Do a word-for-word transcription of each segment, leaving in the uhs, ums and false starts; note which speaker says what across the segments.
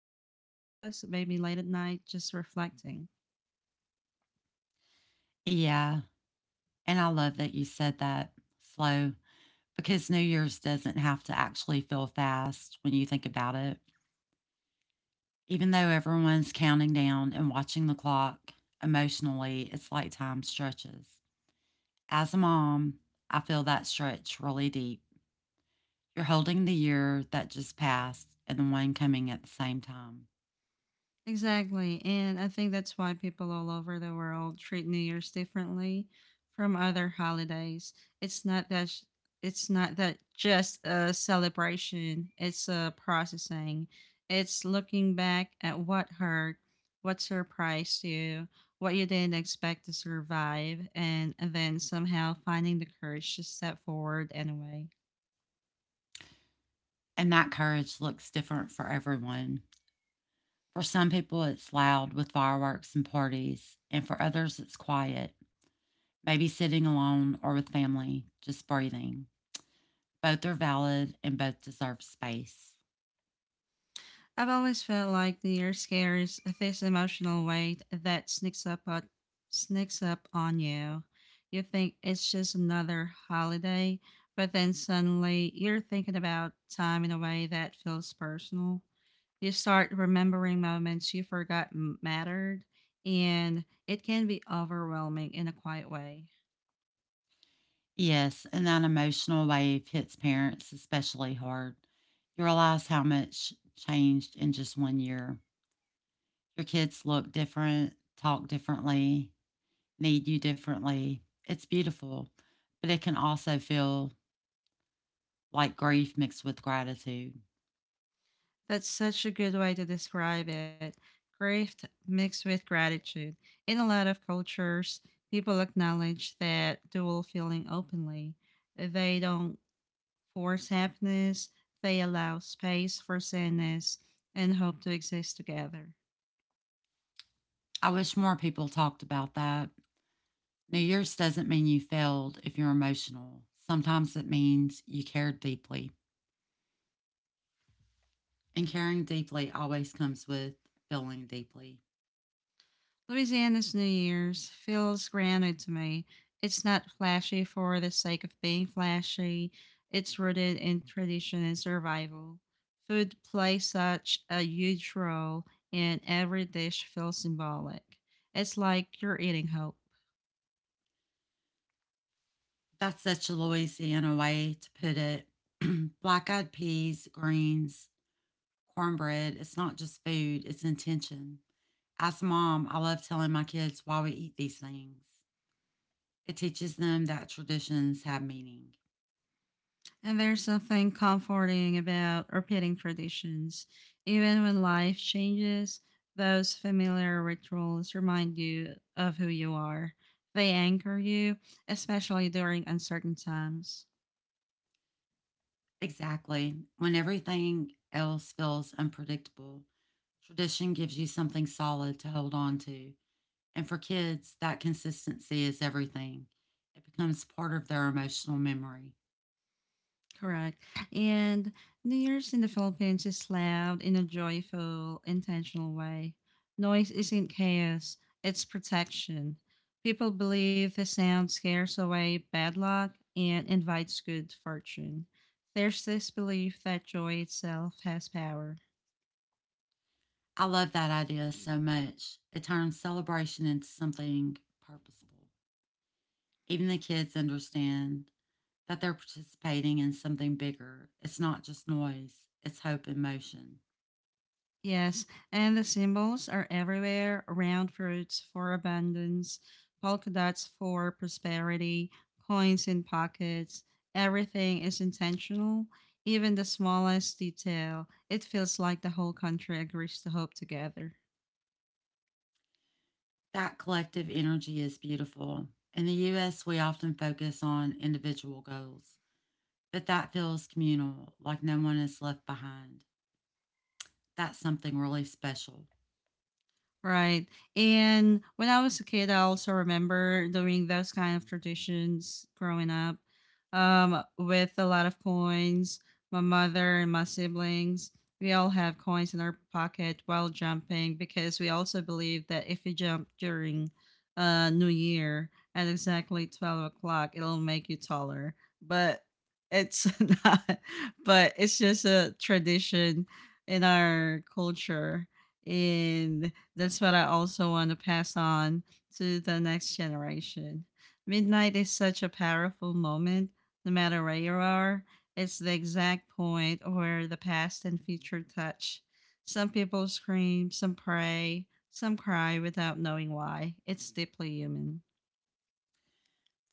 Speaker 1: sitting with us, maybe late at night, just reflecting.
Speaker 2: Yeah. And I love that you said that slow because New Year's doesn't have to actually feel fast when you think about it. Even though everyone's counting down and watching the clock, emotionally, it's like time stretches. As a mom, I feel that stretch really deep. You're holding the year that just passed and the one coming at the same time.
Speaker 1: Exactly. And I think that's why people all over the world treat New Year's differently from other holidays. It's not that sh- it's not that just a celebration, it's a processing. It's looking back at what hurt, what surprised you, what you didn't expect to survive, and then somehow finding the courage to step forward anyway.
Speaker 2: And that courage looks different for everyone. For some people, it's loud with fireworks and parties, and for others, it's quiet maybe sitting alone or with family, just breathing. Both are valid and both deserve space.
Speaker 1: I've always felt like New Year's carries this emotional weight that sneaks up on, sneaks up on you. You think it's just another holiday, but then suddenly you're thinking about time in a way that feels personal. You start remembering moments you forgot m- mattered, and it can be overwhelming in a quiet way.
Speaker 2: Yes, and that emotional wave hits parents especially hard. You realize how much changed in just one year. Your kids look different, talk differently, need you differently. It's beautiful, but it can also feel like grief mixed with gratitude.
Speaker 1: That's such a good way to describe it. Grief mixed with gratitude. In a lot of cultures, people acknowledge that dual feeling openly. They don't force happiness, they allow space for sadness and hope to exist together.
Speaker 2: I wish more people talked about that New Year's doesn't mean you failed if you're emotional. Sometimes it means you cared deeply. And caring deeply always comes with feeling deeply.
Speaker 1: Louisiana's New Year's feels grounded to me. It's not flashy for the sake of being flashy. It's rooted in tradition and survival. Food plays such a huge role, and every dish feels symbolic. It's like you're eating hope.
Speaker 2: That's such a Louisiana way to put it. Black eyed peas, greens, cornbread, it's not just food, it's intention. As a mom, I love telling my kids why we eat these things. It teaches them that traditions have meaning.
Speaker 1: And there's something comforting about repeating traditions. Even when life changes, those familiar rituals remind you of who you are. They anchor you, especially during uncertain times.
Speaker 2: Exactly. When everything else feels unpredictable, tradition gives you something solid to hold on to. And for kids, that consistency is everything. It becomes part of their emotional memory.
Speaker 1: Correct. And New Year's in the Philippines is loud in a joyful, intentional way. Noise isn't chaos, it's protection. People believe the sound scares away bad luck and invites good fortune. There's this belief that joy itself has power.
Speaker 2: I love that idea so much. It turns celebration into something purposeful. Even the kids understand that they're participating in something bigger. It's not just noise, it's hope in motion.
Speaker 1: Yes, and the symbols are everywhere: round fruits for abundance, polka dots for prosperity, coins in pockets. Everything is intentional, even the smallest detail. It feels like the whole country agrees to hope together.
Speaker 2: That collective energy is beautiful. In the U S, we often focus on individual goals, but that feels communal, like no one is left behind. That's something really special.
Speaker 1: Right. And when I was a kid, I also remember doing those kind of traditions growing up um, with a lot of coins. My mother and my siblings, we all have coins in our pocket while jumping because we also believe that if you jump during uh, New Year at exactly twelve o'clock, it'll make you taller. But it's not, but it's just a tradition in our culture. And that's what I also want to pass on to the next generation. Midnight is such a powerful moment, no matter where you are. It's the exact point where the past and future touch. Some people scream, some pray, some cry without knowing why. It's deeply human.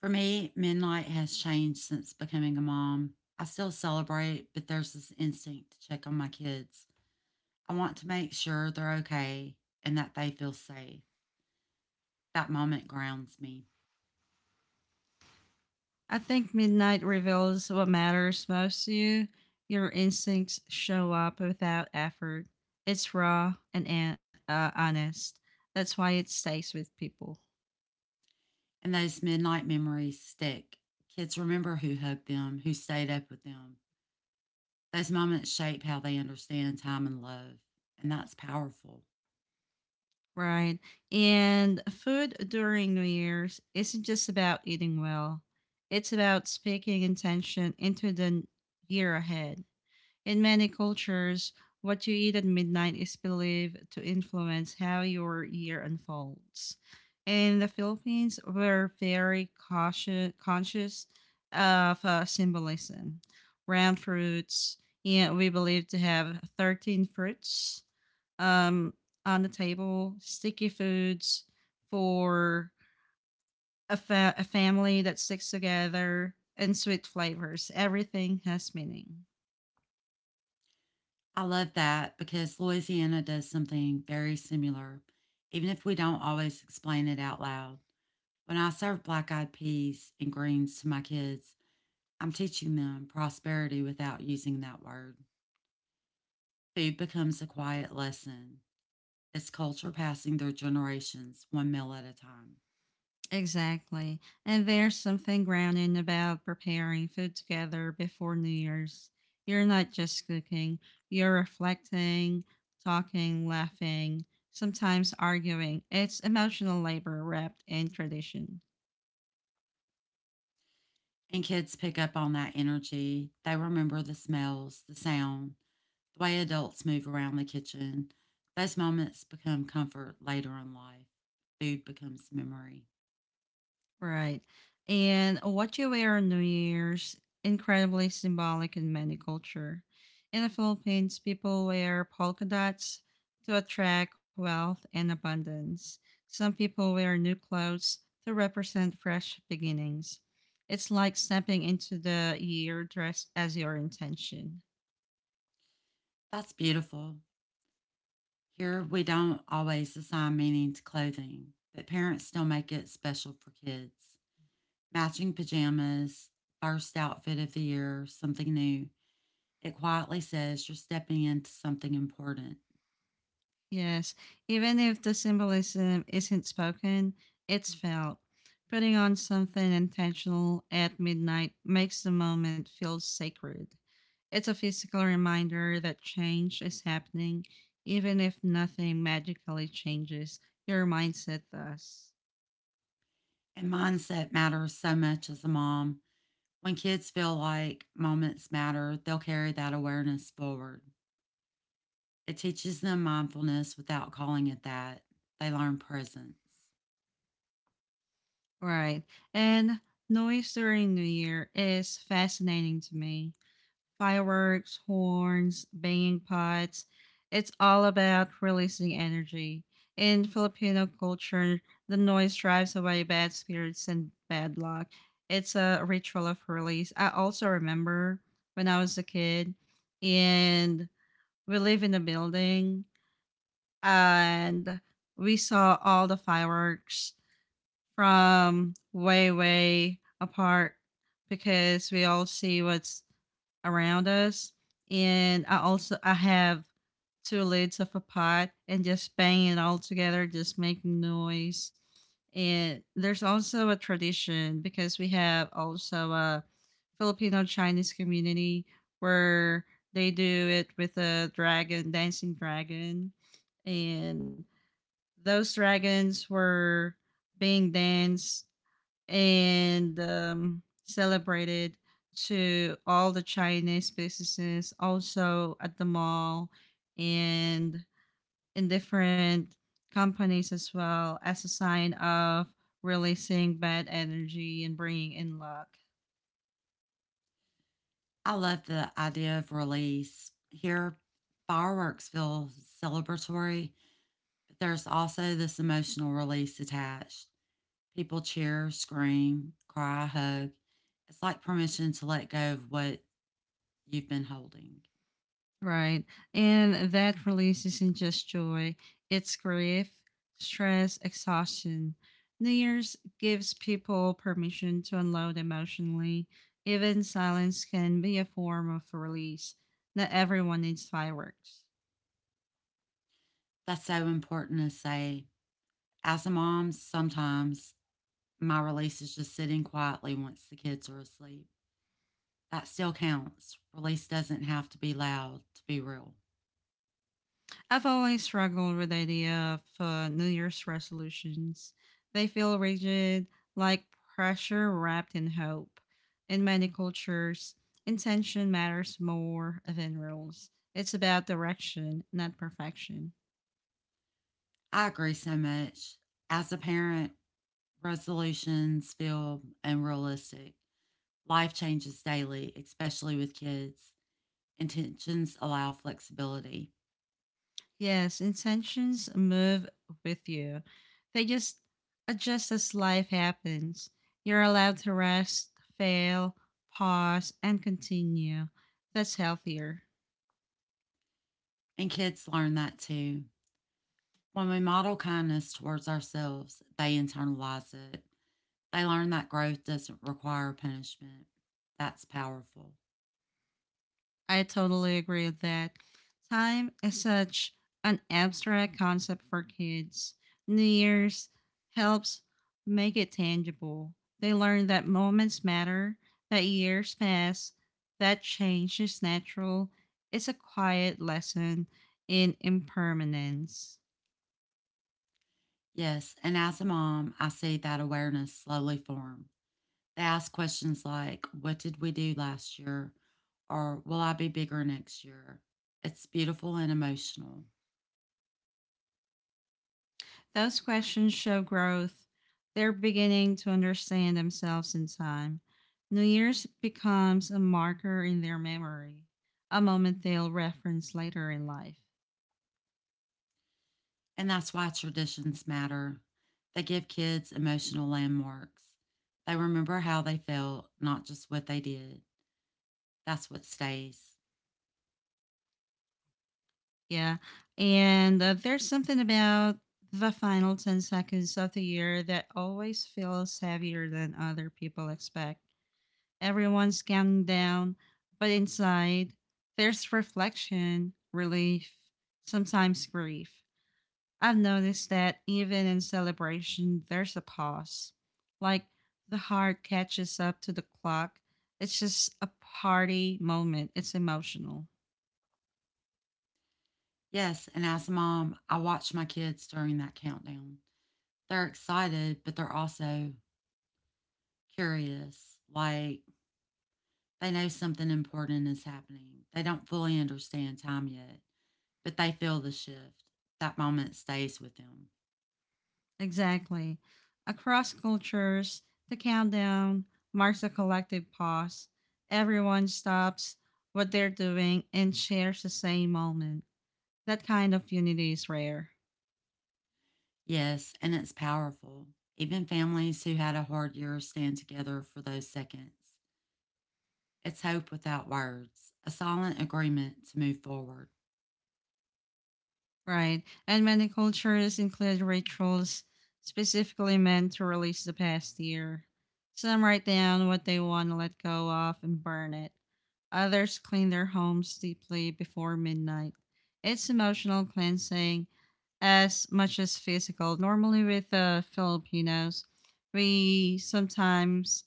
Speaker 2: For me, midnight has changed since becoming a mom. I still celebrate, but there's this instinct to check on my kids. I want to make sure they're okay and that they feel safe. That moment grounds me.
Speaker 1: I think midnight reveals what matters most to you. Your instincts show up without effort. It's raw and an- uh, honest. That's why it stays with people.
Speaker 2: And those midnight memories stick. Kids remember who hugged them, who stayed up with them. Those moments shape how they understand time and love, and that's powerful.
Speaker 1: Right. And food during New Year's isn't just about eating well, it's about speaking intention into the n- year ahead. In many cultures, what you eat at midnight is believed to influence how your year unfolds. In the Philippines, we're very cautious, conscious of uh, symbolism. Round fruits, yeah, we believe to have thirteen fruits um, on the table, sticky foods for a, fa- a family that sticks together, and sweet flavors. Everything has meaning.
Speaker 2: I love that because Louisiana does something very similar, even if we don't always explain it out loud. When I serve black eyed peas and greens to my kids, I'm teaching them prosperity without using that word. Food becomes a quiet lesson. It's culture passing through generations, one meal at a time.
Speaker 1: Exactly. And there's something grounding about preparing food together before New Year's. You're not just cooking, you're reflecting, talking, laughing, sometimes arguing. It's emotional labor wrapped in tradition.
Speaker 2: And kids pick up on that energy. They remember the smells, the sound, the way adults move around the kitchen. Those moments become comfort later in life. Food becomes memory.
Speaker 1: Right. And what you wear on New Year's, incredibly symbolic in many culture. In the Philippines, people wear polka dots to attract wealth and abundance. Some people wear new clothes to represent fresh beginnings. It's like stepping into the year dressed as your intention.
Speaker 2: That's beautiful. Here, we don't always assign meaning to clothing, but parents still make it special for kids. Matching pajamas, first outfit of the year, something new. It quietly says you're stepping into something important.
Speaker 1: Yes, even if the symbolism isn't spoken, it's felt. Putting on something intentional at midnight makes the moment feel sacred. It's a physical reminder that change is happening, even if nothing magically changes. Your mindset does.
Speaker 2: And mindset matters so much as a mom. When kids feel like moments matter, they'll carry that awareness forward. It teaches them mindfulness without calling it that. They learn presence.
Speaker 1: Right. And noise during New Year is fascinating to me: fireworks, horns, banging pots. It's all about releasing energy. In Filipino culture, the noise drives away bad spirits and bad luck. It's a ritual of release. I also remember when I was a kid and we live in a building and we saw all the fireworks from way, way apart because we all see what's around us. And I also I have two lids of a pot and just bang it all together, just making noise. And there's also a tradition because we have also a Filipino Chinese community where they do it with a dragon, dancing dragon. And those dragons were being danced and um, celebrated to all the Chinese businesses, also at the mall and in different companies as well, as a sign of releasing bad energy and bringing in luck.
Speaker 2: I love the idea of release. Here, fireworks feel celebratory, but there's also this emotional release attached. People cheer, scream, cry, hug. It's like permission to let go of what you've been holding.
Speaker 1: Right. And that release isn't just joy, it's grief, stress, exhaustion. New Year's gives people permission to unload emotionally. Even silence can be a form of release. Not everyone needs fireworks.
Speaker 2: That's so important to say. As a mom, sometimes my release is just sitting quietly once the kids are asleep. That still counts. Release doesn't have to be loud to be real.
Speaker 1: I've always struggled with the idea of uh, New Year's resolutions. They feel rigid, like pressure wrapped in hope. In many cultures, intention matters more than rules. It's about direction, not perfection.
Speaker 2: I agree so much. As a parent, resolutions feel unrealistic. Life changes daily, especially with kids. Intentions allow flexibility,
Speaker 1: Yes, intentions move with you. They just adjust as life happens. You're allowed to rest, fail, pause, and continue. That's healthier.
Speaker 2: and kids learn that too. When we model kindness towards ourselves, they internalize it. They learn that growth doesn't require punishment. That's powerful.
Speaker 1: I totally agree with that. Time is such an abstract concept for kids. New Year's helps make it tangible. They learn that moments matter, that years pass, that change is natural. It's a quiet lesson in impermanence.
Speaker 2: Yes, and as a mom, I see that awareness slowly form. They ask questions like, "What did we do last year?" or "Will I be bigger next year?" It's beautiful and emotional.
Speaker 1: Those questions show growth. They're beginning to understand themselves in time. New Year's becomes a marker in their memory, a moment they'll reference later in life.
Speaker 2: And that's why traditions matter. They give kids emotional landmarks. They remember how they felt, not just what they did. That's what stays.
Speaker 1: Yeah. And uh, there's something about the final ten seconds of the year that always feels heavier than other people expect. Everyone's counting down, but inside, there's reflection, relief, sometimes grief. I've noticed that even in celebration, there's a pause. Like the heart catches up to the clock. It's just a party moment, it's emotional.
Speaker 2: Yes, and as a mom, I watch my kids during that countdown. They're excited, but they're also curious. Like, they know something important is happening. They don't fully understand time yet, but they feel the shift. That moment stays with them.
Speaker 1: Exactly. Across cultures, the countdown marks a collective pause. Everyone stops what they're doing and shares the same moment. That kind of unity is rare.
Speaker 2: Yes, and it's powerful. Even families who had a hard year stand together for those seconds. It's hope without words, a silent agreement to move forward.
Speaker 1: Right. And many cultures include rituals specifically meant to release the past year. Some write down what they want to let go of and burn it. Others clean their homes deeply before midnight. It's emotional cleansing as much as physical. Normally, with uh, Filipinos, we sometimes,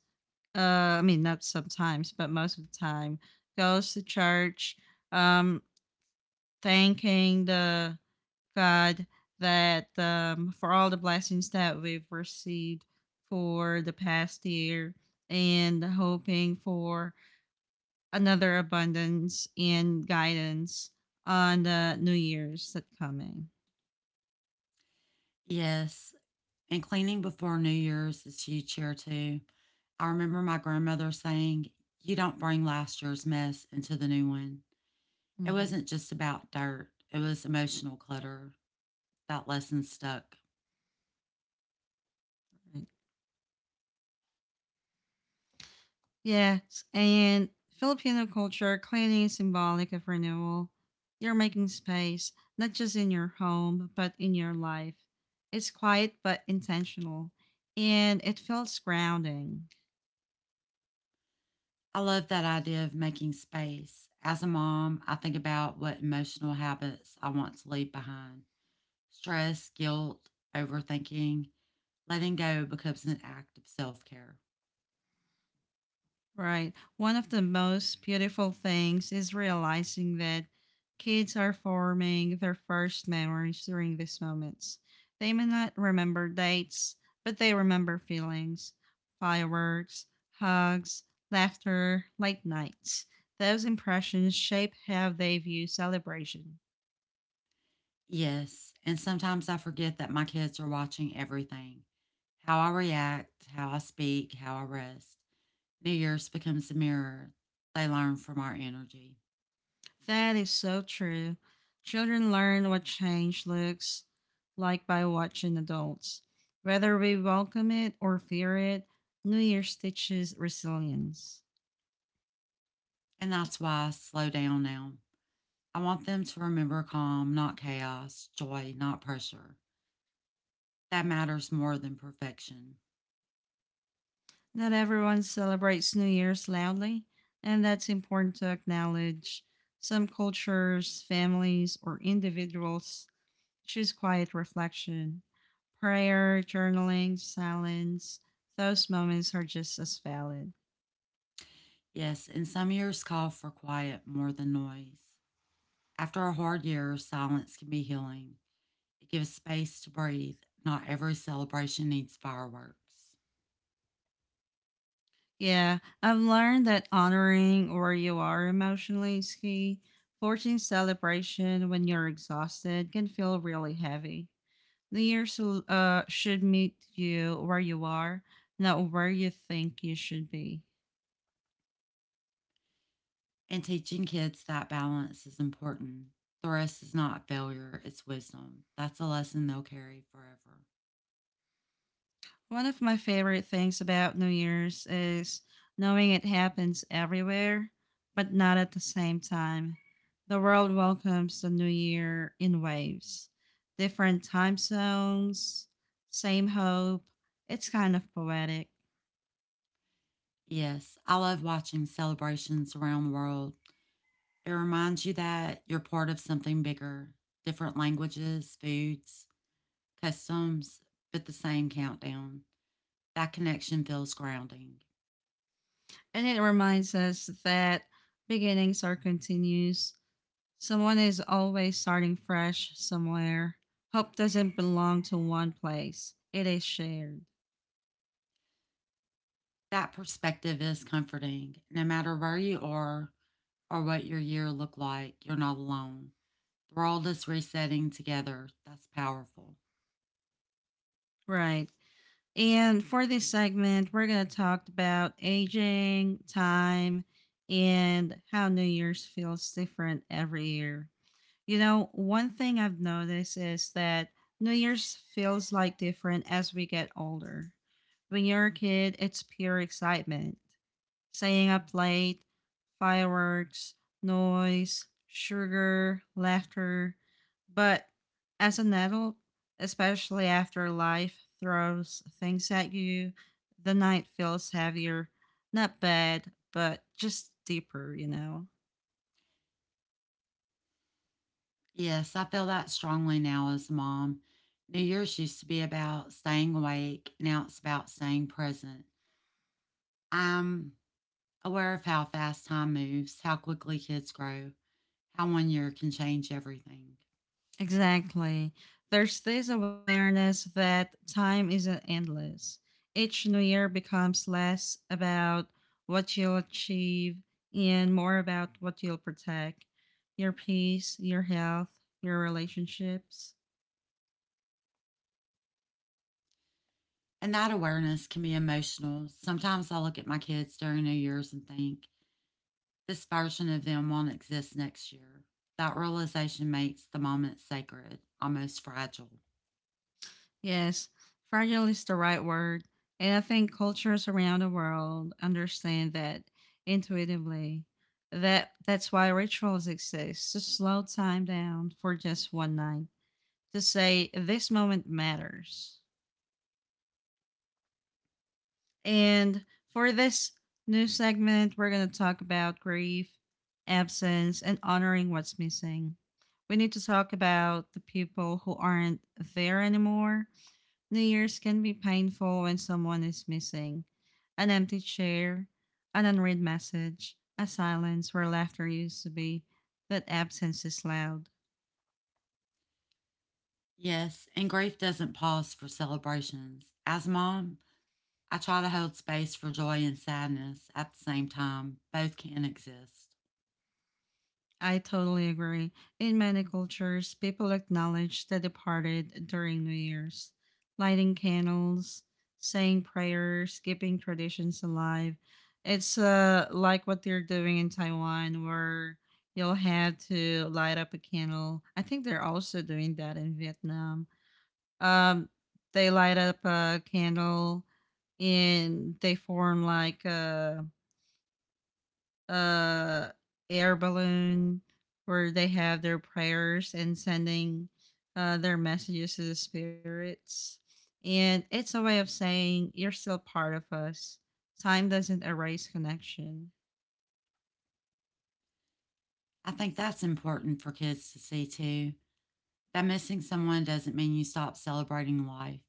Speaker 1: uh, I mean, not sometimes, but most of the time, goes to church, um, thanking the God that um, for all the blessings that we've received for the past year and hoping for another abundance and guidance on the new years that coming.
Speaker 2: Yes, and cleaning before New Year's is huge here too. I remember my grandmother saying, "You don't bring last year's mess into the new one." It
Speaker 1: Mm-hmm.
Speaker 2: wasn't just about dirt, it was emotional clutter. That lesson stuck.
Speaker 1: Yes, and Filipino culture cleaning is symbolic of renewal. You're making space, not just in your home, but in your life. It's quiet but intentional, and it feels grounding.
Speaker 2: I love that idea of making space. As a mom, I think about what emotional habits I want to leave behind: stress, guilt, overthinking. Letting go becomes an act of self care.
Speaker 1: Right. One of the most beautiful things is realizing that kids are forming their first memories during these moments. They may not remember dates, but they remember feelings, fireworks, hugs, laughter, late nights. Those impressions shape how they view celebration.
Speaker 2: Yes, and sometimes I forget that my kids are watching everything: how I react, how I speak, how I rest. New Year's becomes a mirror. They learn from our energy.
Speaker 1: That is so true. Children learn what change looks like by watching adults. Whether we welcome it or fear it, New Year's teaches resilience.
Speaker 2: And that's why I slow down now. I want them to remember calm, not chaos, joy, not pressure. That matters more than perfection.
Speaker 1: Not everyone celebrates New Year's loudly, and that's important to acknowledge. Some cultures, families, or individuals choose quiet reflection. Prayer, journaling, silence, those moments are just as valid.
Speaker 2: Yes, and some years call for quiet more than noise. After a hard year, silence can be healing. It gives space to breathe. Not every celebration needs fireworks.
Speaker 1: Yeah, I've learned that honoring where you are emotionally is key. Forcing celebration when you're exhausted can feel really heavy. New Year's uh, should meet you where you are, not where you think you should be.
Speaker 2: And teaching kids that balance is important. The rest is not a failure, it's wisdom. That's a lesson they'll carry forever.
Speaker 1: One of my favorite things about New Year's is knowing it happens everywhere, but not at the same time. The world welcomes the new year in waves, different time zones, same hope. It's kind of poetic.
Speaker 2: Yes, I love watching celebrations around the world. It reminds you that you're part of something bigger: different languages, foods, customs, but the same countdown. That connection feels grounding.
Speaker 1: And it reminds us that beginnings are continuous. Someone is always starting fresh somewhere. Hope doesn't belong to one place, it is shared.
Speaker 2: That perspective is comforting. No matter where you are or what your year looked like, you're not alone. The world is resetting together. That's powerful.
Speaker 1: Right. And for this segment, we're going to talk about aging, time, and how New Year's feels different every year. You know, one thing I've noticed is that New Year's feels like different as we get older. When you're a kid, it's pure excitement: staying up late, fireworks, noise, sugar, laughter. But as an adult, especially after life throws things at you, the night feels heavier. Not bad, but just deeper, you know?
Speaker 2: Yes, I feel that strongly now as a mom. New Year's used to be about staying awake. Now it's about staying present. I'm aware of how fast time moves, how quickly kids grow, how one year can change everything.
Speaker 1: Exactly. There's this awareness that time isn't endless. Each new year becomes less about what you'll achieve and more about what you'll protect: your peace, your health, your relationships.
Speaker 2: And that awareness can be emotional. Sometimes I look at my kids during New Year's and think, this version of them won't exist next year. That realization makes the moment sacred, almost fragile.
Speaker 1: Yes, fragile is the right word. And I think cultures around the world understand that intuitively. That that's why rituals exist to slow time down for just one night, to say this moment matters. And for this new segment, we're going to talk about grief, absence, and honoring what's missing. We need to talk about the people who aren't there anymore. New Year's can be painful when someone is missing. An empty chair, an unread message, a silence where laughter used to be, that absence is loud.
Speaker 2: Yes, and grief doesn't pause for celebrations. As mom, I try to hold space for joy and sadness at the same time. Both can exist.
Speaker 1: I totally agree. In many cultures, people acknowledge the departed during New Year's, lighting candles, saying prayers, keeping traditions alive. It's uh, like what they're doing in Taiwan, where you'll have to light up a candle. I think they're also doing that in Vietnam. Um, they light up a candle and they form like a uh air balloon where they have their prayers and sending uh, their messages to the spirits. And it's a way of saying you're still part of us. Time doesn't erase connection.
Speaker 2: I think that's important for kids to see too. That missing someone doesn't mean you stop celebrating life.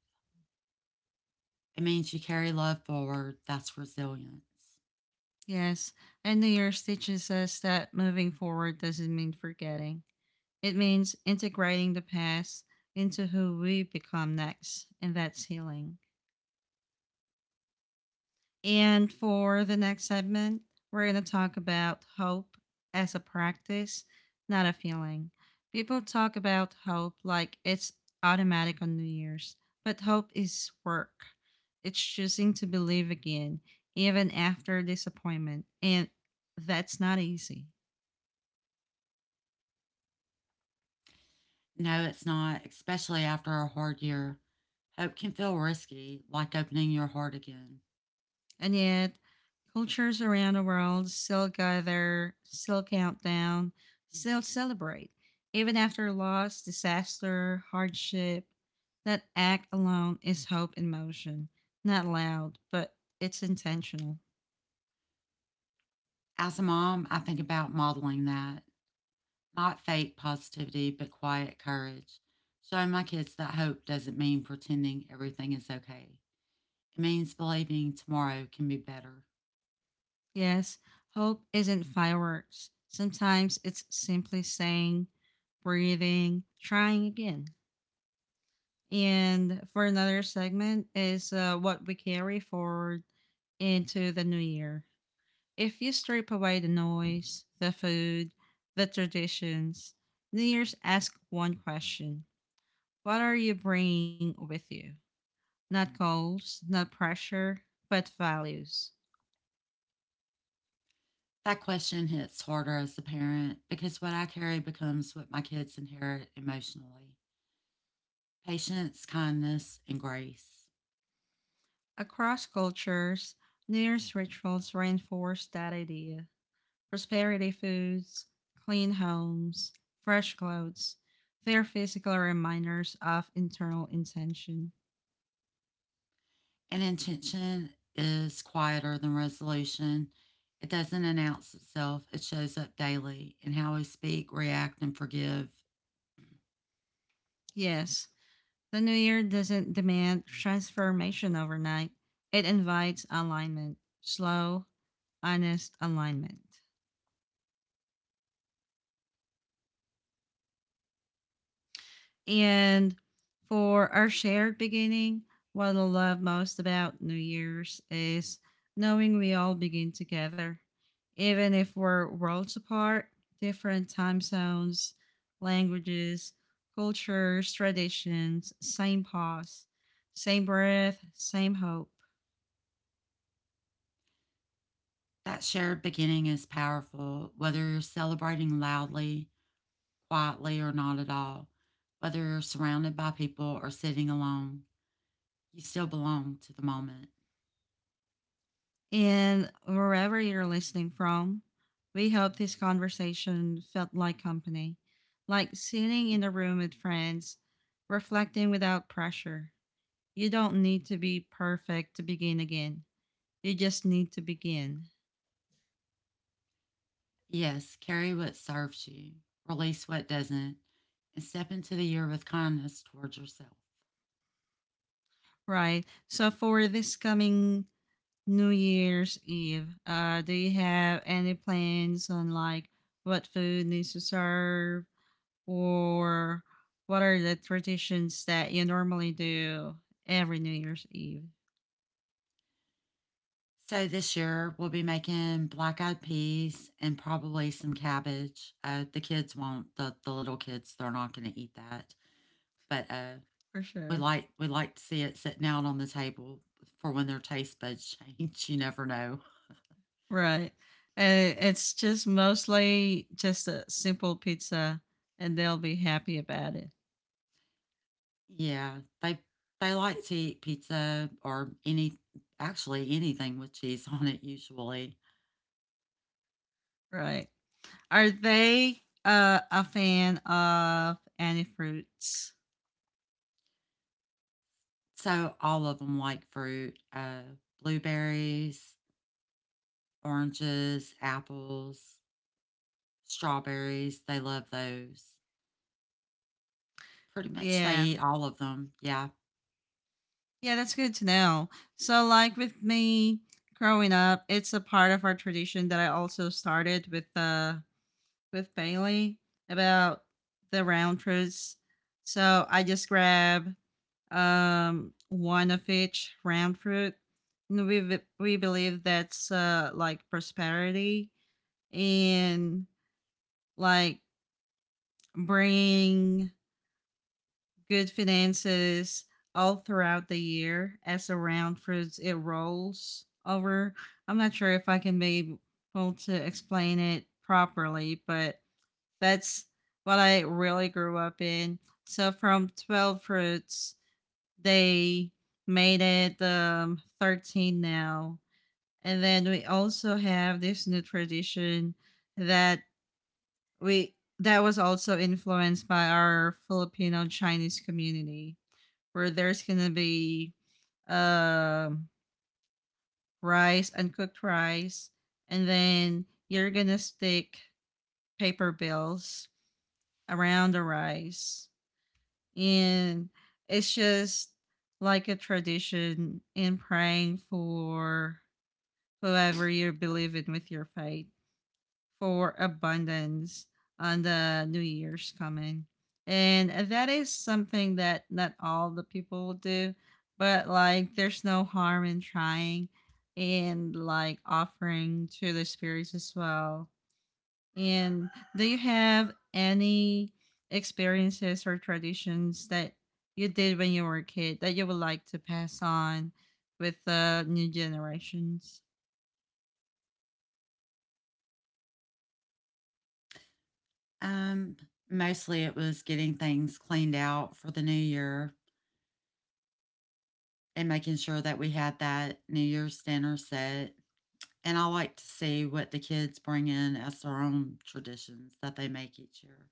Speaker 2: It means you carry love forward. That's resilience.
Speaker 1: Yes, and New Year's teaches us that moving forward doesn't mean forgetting. It means integrating the past into who we become next, and that's healing. And for the next segment, we're going to talk about hope as a practice, not a feeling. People talk about hope like it's automatic on New Year's, but hope is work. It's choosing to believe again, even after disappointment. And that's not easy.
Speaker 2: No, it's not, especially after a hard year. Hope can feel risky, like opening your heart again.
Speaker 1: And yet, cultures around the world still gather, still count down, still celebrate, even after loss, disaster, hardship. That act alone is hope in motion. Not loud, but it's intentional.
Speaker 2: As a mom, I think about modeling that, not fake positivity, but quiet courage, showing my kids that hope doesn't mean pretending everything is okay. It means believing tomorrow can be better.
Speaker 1: Yes, hope isn't fireworks. Sometimes it's simply saying, breathing, trying again. And for another segment is uh, what we carry forward into the new year. If you strip away the noise, the food, the traditions, New Year's asks one question: what are you bringing with you? Not goals, not pressure, but values.
Speaker 2: That question hits harder as a parent because what I carry becomes what my kids inherit emotionally: patience, kindness, and grace.
Speaker 1: Across cultures, New Year's rituals reinforce that idea. Prosperity foods, clean homes, fresh clothes, they are physical reminders of internal intention.
Speaker 2: An intention is quieter than resolution. It doesn't announce itself, it shows up daily in how we speak, react, and forgive.
Speaker 1: Yes, the new year doesn't demand transformation overnight. It invites alignment, slow, honest alignment. And for our shared beginning, what I love most about New Year's is knowing we all begin together. Even if we're worlds apart, different time zones, languages, cultures, traditions, same pause, same breath, same hope.
Speaker 2: That shared beginning is powerful, whether you're celebrating loudly, quietly, or not at all, whether you're surrounded by people or sitting alone. You still belong to the moment.
Speaker 1: And wherever you're listening from, we hope this conversation felt like company, like sitting in a room with friends, reflecting without pressure. You don't need to be perfect to begin again. You just need to begin.
Speaker 2: Yes, carry what serves you, release what doesn't, and step into the year with kindness towards yourself.
Speaker 1: Right. So for this coming New Year's Eve, uh, do you have any plans on like what food needs to serve? Or what are the traditions that you normally do every New Year's Eve?
Speaker 2: So this year we'll be making black eyed peas and probably some cabbage. Uh, the kids won't. The, the little kids they're not going to eat that. But uh,
Speaker 1: For
Speaker 2: we
Speaker 1: sure.
Speaker 2: like we like to see it sitting out on the table for when their taste buds change. You never know.
Speaker 1: Right. And it's just mostly just a simple pizza and they'll be happy about it.
Speaker 2: Yeah, they they like to eat pizza or any actually anything with cheese on it usually.
Speaker 1: Right. Are they uh, a fan of any fruits?
Speaker 2: So all of them like fruit, uh, blueberries, oranges, apples. Strawberries, they love those. Pretty much they
Speaker 1: Yeah.
Speaker 2: eat all of them, yeah.
Speaker 1: Yeah, that's good to know. So like with me growing up, it's a part of our tradition that I also started with the. With Bailey about the round fruits. So I just grab um one of each round fruit. And we we believe that's uh like prosperity and like bringing good finances all throughout the year as the round fruits it rolls over. I'm not sure if I can be able to explain it properly, but that's what I really grew up in. So from twelve fruits, they made it um, thirteen now. And then we also have this new tradition that we that was also influenced by our Filipino Chinese community where there's gonna be um rice, uncooked rice, and then you're gonna stick paper bills around the rice. And it's just like a tradition in praying for whoever you believe in with your faith. For abundance on the New Year's coming. And that is something that not all the people will do, but like there's no harm in trying and like offering to the spirits as well. And do you have any experiences or traditions that you did when you were a kid that you would like to pass on with the new generations?
Speaker 2: Um, Mostly it was getting things cleaned out for the new year and making sure that we had that New Year's dinner set. And I like to see what the kids bring in as their own traditions that they make each year.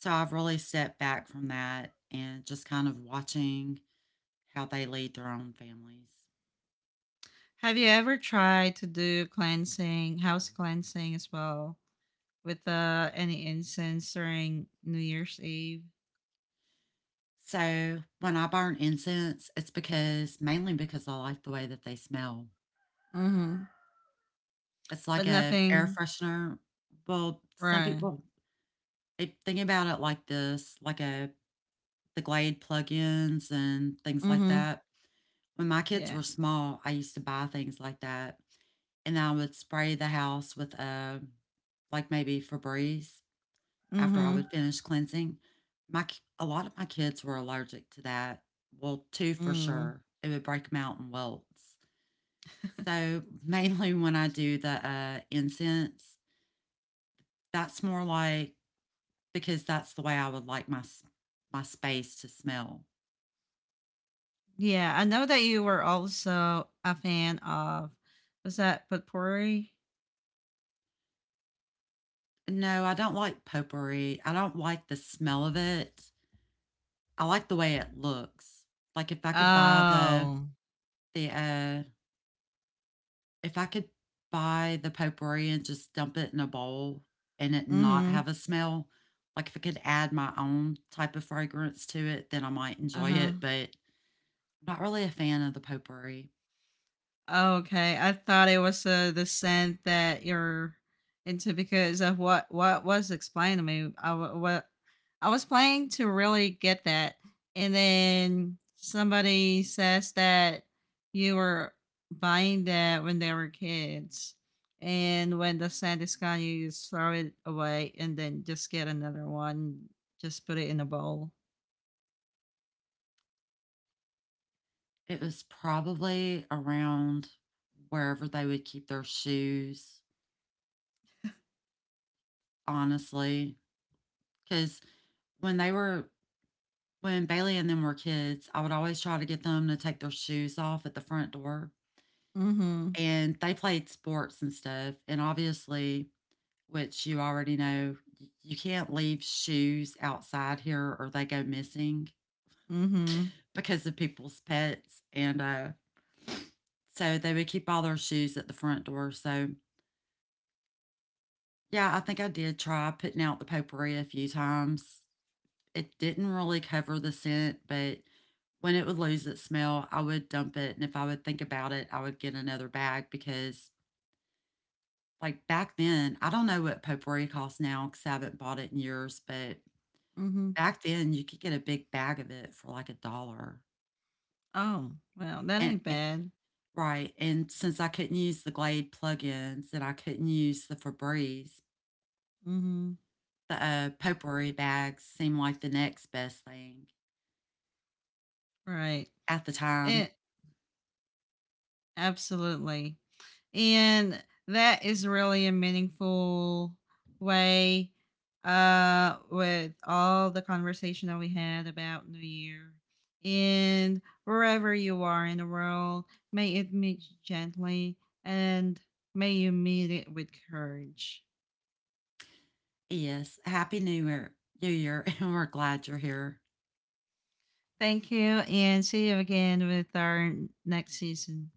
Speaker 2: So I've really stepped back from that and just kind of watching how they lead their own families.
Speaker 1: Have you ever tried to do cleansing, house cleansing as well, with uh, any incense during New Year's Eve?
Speaker 2: So when I burn incense, it's because mainly because I like the way that they smell.
Speaker 1: Mm-hmm.
Speaker 2: It's like
Speaker 1: But
Speaker 2: a air
Speaker 1: nothing,
Speaker 2: freshener. Well, some
Speaker 1: right?
Speaker 2: people if think about it like this, like a the Glade plugins and things like
Speaker 1: Mm-hmm.
Speaker 2: that. When my kids
Speaker 1: Yeah.
Speaker 2: were small, I used to buy things like that, and I would spray the house with a like maybe Febreze after I
Speaker 1: Mm-hmm.
Speaker 2: would finish cleansing. My k- a lot of my kids were allergic to that. Well, two for
Speaker 1: Mm.
Speaker 2: sure. It would break them out in welts. So mainly when I do the uh, incense, that's more like because that's the way I would like my my space to smell.
Speaker 1: Yeah, I know that you were also a fan of, was that potpourri?
Speaker 2: No, I don't like potpourri. I don't like the smell of it. I like the way it looks. Like if I could buy the
Speaker 1: Oh.
Speaker 2: the uh if I could buy the potpourri and just dump it in a bowl and it not
Speaker 1: Mm-hmm.
Speaker 2: have a smell, like if I could add my own type of fragrance to it, then I might enjoy it,
Speaker 1: Uh-huh.
Speaker 2: but I'm not really a fan of the potpourri.
Speaker 1: Oh, okay, I thought it was uh, the scent that you're into because of what what was explained to me. I wa- what I was playing to really get that, and then somebody says that you were buying that when they were kids, and when the scent is gone, you just throw it away and then just get another one. Just put it in a bowl.
Speaker 2: It was probably around wherever they would keep their shoes honestly, because when they were when Bailey and them were kids, I would always try to get them to take their shoes off at the front door.
Speaker 1: Mm-hmm.
Speaker 2: And they played sports and stuff. And obviously, which you already know, you can't leave shoes outside here or they go missing
Speaker 1: Mm-hmm.
Speaker 2: because of people's pets. And uh, so they would keep all their shoes at the front door. So, yeah, I think I did try putting out the potpourri a few times. It didn't really cover the scent, but when it would lose its smell, I would dump it, and if I would think about it, I would get another bag because, like, back then, I don't know what potpourri costs now because I haven't bought it in years, but
Speaker 1: Mm-hmm.
Speaker 2: back then you could get a big bag of it for like a dollar.
Speaker 1: Oh well, that
Speaker 2: And,
Speaker 1: ain't
Speaker 2: and
Speaker 1: bad.
Speaker 2: right, and since I couldn't use the Glade plugins, and I couldn't use the Febreze,
Speaker 1: Mm-hmm.
Speaker 2: the uh, potpourri bags seemed like the next best thing
Speaker 1: Right.
Speaker 2: at the time.
Speaker 1: It absolutely. And that is really a meaningful way uh with all the conversation that we had about New Year. And wherever you are in the world, may it meet you gently and may you meet it with courage.
Speaker 2: Yes, happy New Year, New Year, and we're glad you're here.
Speaker 1: Thank you and see you again with our next season.